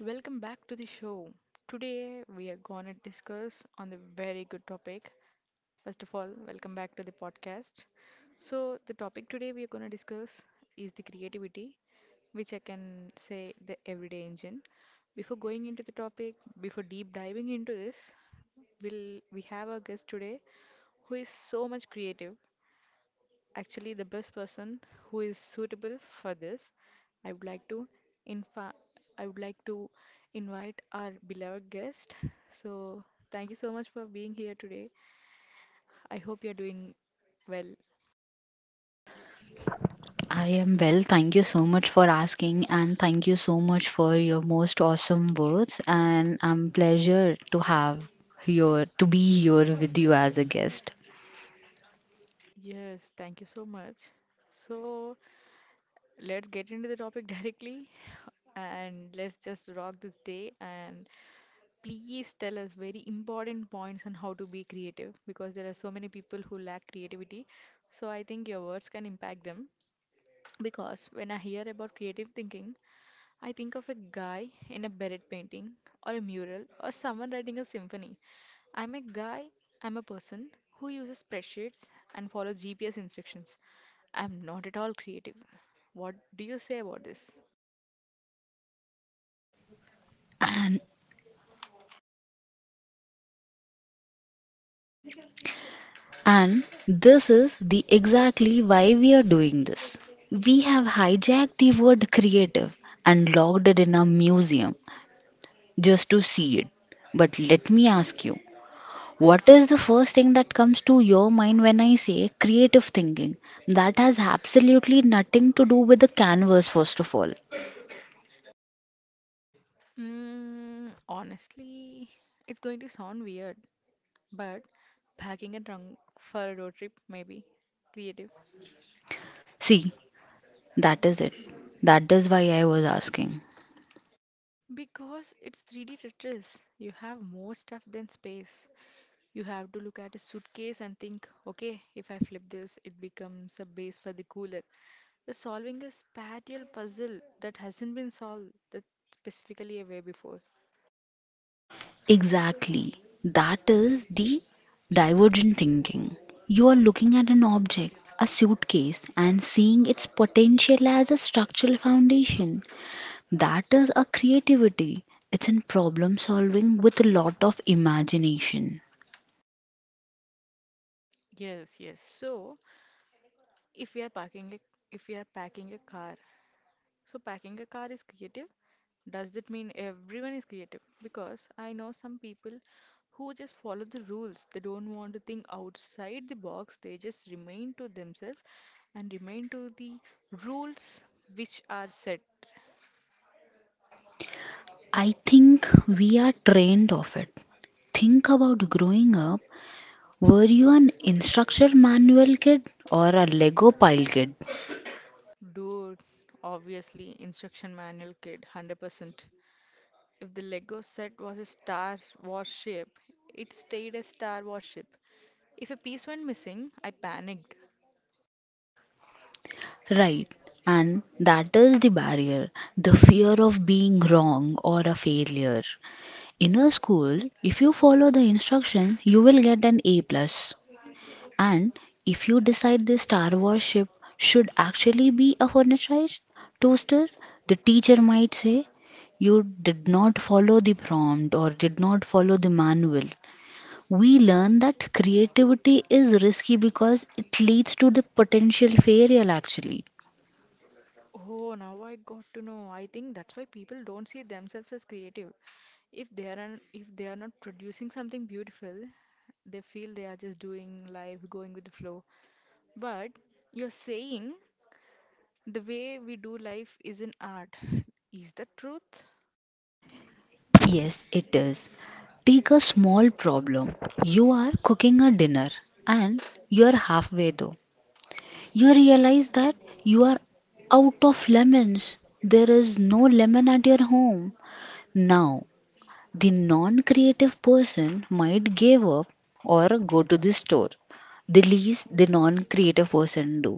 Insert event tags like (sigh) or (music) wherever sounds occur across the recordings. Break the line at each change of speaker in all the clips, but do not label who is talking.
Welcome back to the show. Today we are gonna discuss on the very good topic. First of all, welcome back to the podcast. So the topic today we are gonna discuss is the creativity, which I can say the everyday engine. Before going into the topic, before deep diving into this, we have our guest today who is so much creative, actually the best person who is suitable for this. I would like to infa- I would like to invite our beloved guest. So thank you so much for being here today. I hope you're doing well.
I am well. Thank you so much for asking, and thank you so much for your most awesome words. And I'm pleasure to have your to be here with you as a guest.
Yes, thank you so much. So let's get into the topic (laughs) directly, and let's just rock this day and please tell us very important points on how to be creative, because there are so many people who lack creativity. So I think your words can impact them. Because when I hear about creative thinking, I think of a guy in a beret painting, or a mural, or someone writing a symphony. I'm a guy, I'm a person who uses spreadsheets and follows GPS instructions. I'm not at all creative. What do you say about this?
And and this is the exactly why we are doing this. We have hijacked the word creative and locked it in a museum just to see it. But let me ask you, what is the first thing that comes to your mind when I say creative thinking? That has absolutely nothing to do with the canvas, first of all.
Mm, honestly, it's going to sound weird, but packing a trunk for a road trip may be creative.
See, that is it. That is why I was asking.
Because it's 3D Tetris, you have more stuff than space. You have to look at a suitcase and think, okay, if I flip this, it becomes a base for the cooler. You're solving a spatial puzzle that hasn't been solved that specifically a way before.
Exactly. That is the divergent thinking. You are looking at an object, a suitcase, and seeing its potential as a structural foundation. That is a creativity. It's in problem solving with a lot of imagination.
Yes, yes. So if we are parking a if we are packing a car, so packing a car is creative. Does that mean everyone is creative? Because I know some people who just follow the rules. They don't want to think outside the box. They just remain to themselves and remain to the rules which are set.
I think we are trained of it. Think about growing up. Were you an instruction manual kid or a Lego pile kid?
Dude, obviously, instruction manual kid, 100%. If the Lego set was a Star Wars ship, it stayed a Star Wars ship. If a piece went missing, I panicked.
Right. And that is the barrier the fear of being wrong or a failure. In a school, if you follow the instruction, you will get an A. plus. And if you decide the Star Wars ship should actually be a furnace rice toaster, the teacher might say, you did not follow the prompt or did not follow the manual. We learn that creativity is risky because it leads to the potential failure actually.
Oh, now I got to know. I think that's why people don't see themselves as creative. If they are not producing something beautiful, they feel they are just doing life, going with the flow. But you're saying the way we do life is an art. (laughs) Is that truth?
Yes, it is. Take a small problem. You are cooking a dinner and you are halfway though. You realize that you are out of lemons. There is no lemon at your home. Now, the non creative person might give up or go to the store. The least the non creative person do.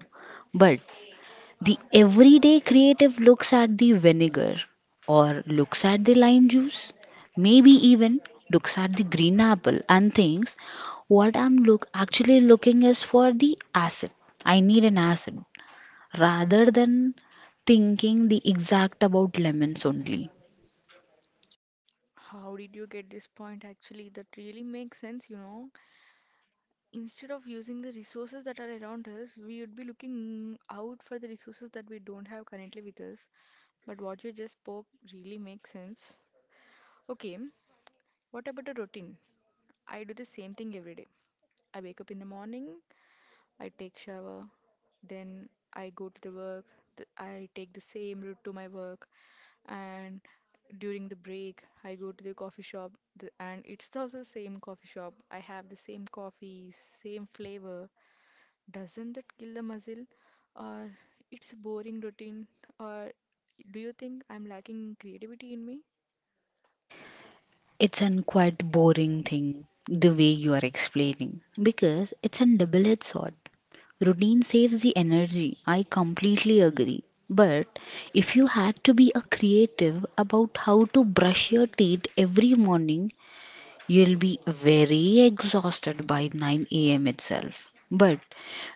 But the everyday creative looks at the vinegar or looks at the lime juice, maybe even looks at the green apple and thinks what I'm look actually looking is for the acid. I need an acid rather than thinking the exact about lemons only.
How did you get this point? Actually, that really makes sense, you know. Instead of using the resources that are around us, we would be looking out for the resources that we don't have currently with us. But what you just spoke really makes sense. Okay, what about a routine? I do the same thing every day. I wake up in the morning, I take shower, then I go to the work, I take the same route to my work, and during the break, I go to the coffee shop, and it's also the same coffee shop. I have the same coffee, same flavor. Doesn't that kill the muscle? Or it's a boring routine? Or do you think I'm lacking creativity in me?
It's an quite boring thing the way you are explaining because it's a double edged sword. Routine saves the energy. I completely agree. But if you had to be a creative about how to brush your teeth every morning, you'll be very exhausted by 9 a.m. itself. But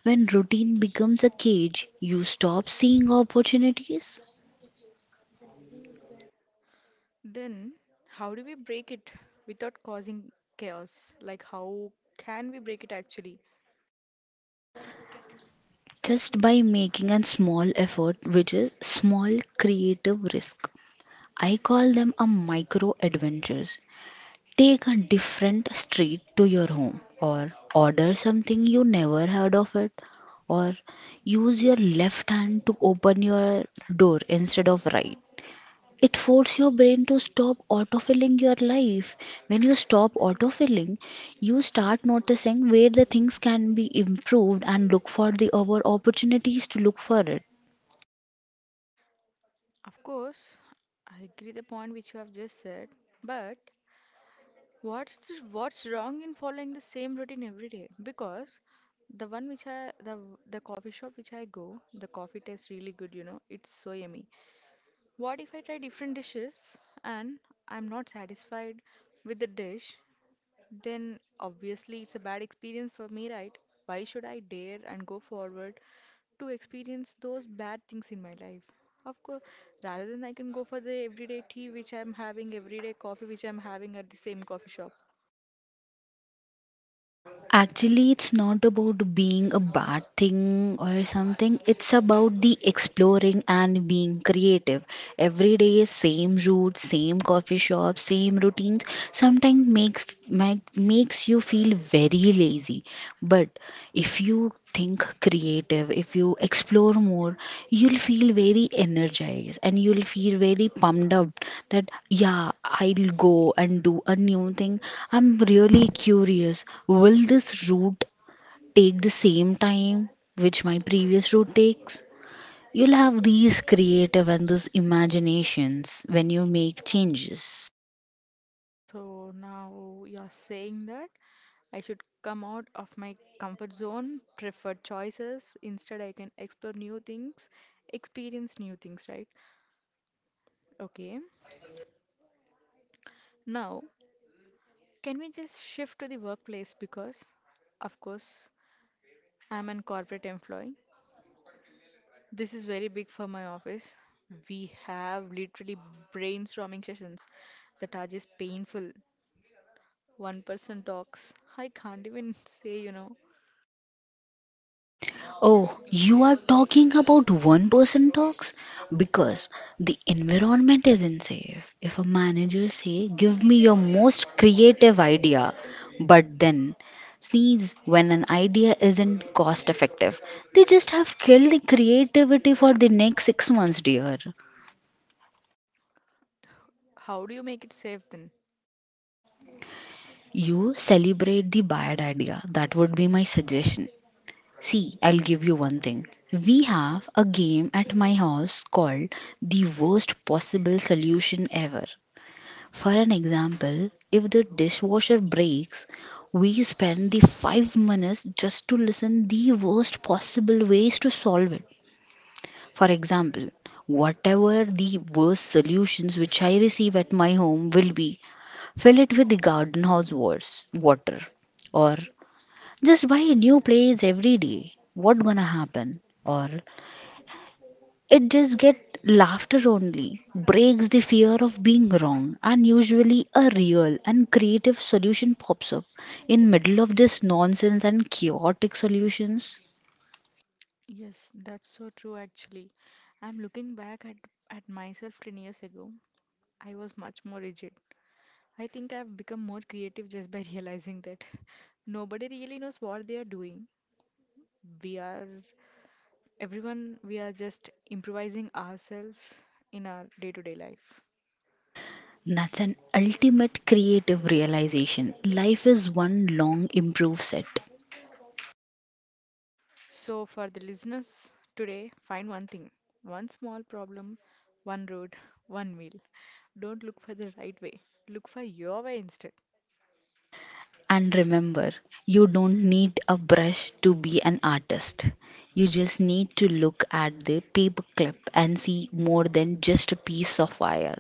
when routine becomes a cage, you stop seeing opportunities
Then, how do we break it without causing chaos? Like, how can we break it actually?
just by making a small effort, which is small creative risk. I call them a micro adventures. Take a different street to your home, or order something you never heard of it, or use your left hand to open your door instead of right it forces your brain to stop autofilling your life. When you stop autofilling, you start noticing where the things can be improved and look for the our opportunities to look for it.
Of course, I agree the point which you have just said, but what's wrong in following the same routine every day? Because the one which I the coffee shop which I go, the coffee tastes really good, you know, it's so yummy. What if I try different dishes and I'm not satisfied with the dish? Then obviously it's a bad experience for me, right? Why should I dare and go forward to experience those bad things in my life? Of course, rather than I can go for the everyday tea which I'm having, everyday coffee which I'm having at the same coffee shop.
Actually, it's not about being a bad thing or something. It's about the exploring and being creative. Every day, same route, same coffee shop, same routines. Sometimes makes you feel very lazy. But if you think creative, if you explore more, you'll feel very energized and you'll feel very pumped up that yeah, I'll go and do a new thing. I'm really curious. Will this route take the same time which my previous route takes? You'll have these creative and these imaginations when you make changes.
So now you're saying that I should come out of my comfort zone, prefer choices. Instead, I can explore new things, experience new things, right? Okay. Now, can we just shift to the workplace? Because, of course, I'm an corporate employee. This is very big for my office. We have literally brainstorming sessions that are just painful. One person talks. I can't even (laughs) say, you know,
Oh, you are talking about one person talks? Because the environment isn't safe. If a manager say, give me your most creative idea, but then sneeze when an idea isn't cost effective. They just have killed the creativity for the next 6 months, dear.
how do you make it safe then?
You celebrate the bad idea. That would be my suggestion. See, I'll give you one thing. We have a game at my house called the worst possible solution ever. For an example, if the dishwasher breaks, we spend the 5 minutes just to listen the worst possible ways to solve it. For example, whatever the worst solutions which I receive at my home will be fill it with the water or just buy a new place every day. What gonna happen? Or it just get laughter only. Breaks the fear of being wrong and usually a real and creative solution pops up in middle of this nonsense and chaotic solutions.
Yes, that's so true actually. I'm looking back at myself 10 years ago. I was much more rigid. I think I've become more creative just by (laughs) realizing that nobody really knows what they are doing. We are, we are just improvising ourselves in our day-to-day life.
That's an ultimate creative realization. Life is one long improve set.
So, for the listeners today, find one thing, one small problem, one road, (laughs) one meal. Don't look for the right way. Look for your way instead.
And remember, you don't need a brush to be an artist. You just need to look at the paperclip and see more than just a piece of wire.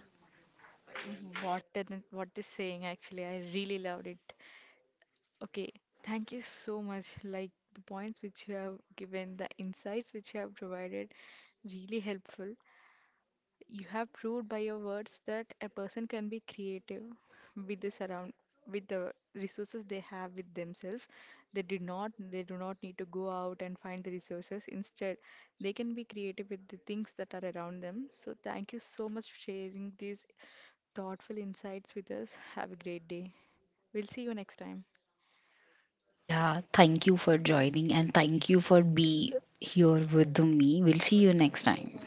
Mhm. What didn't what this saying actually, I really loved it. Okay, thank you so much. Like the points which you have given, the insights which you have provided, really helpful. You have proved by your words that a person can be creative with the surround with the resources they have with themselves. They do not need to go out and find the resources. Instead, they can be creative with the things that are around them. So thank you so much for sharing these thoughtful insights with us. Have a great day. We'll see you next time.
Yeah, thank you for joining and thank you for be here with me. We'll see you next time.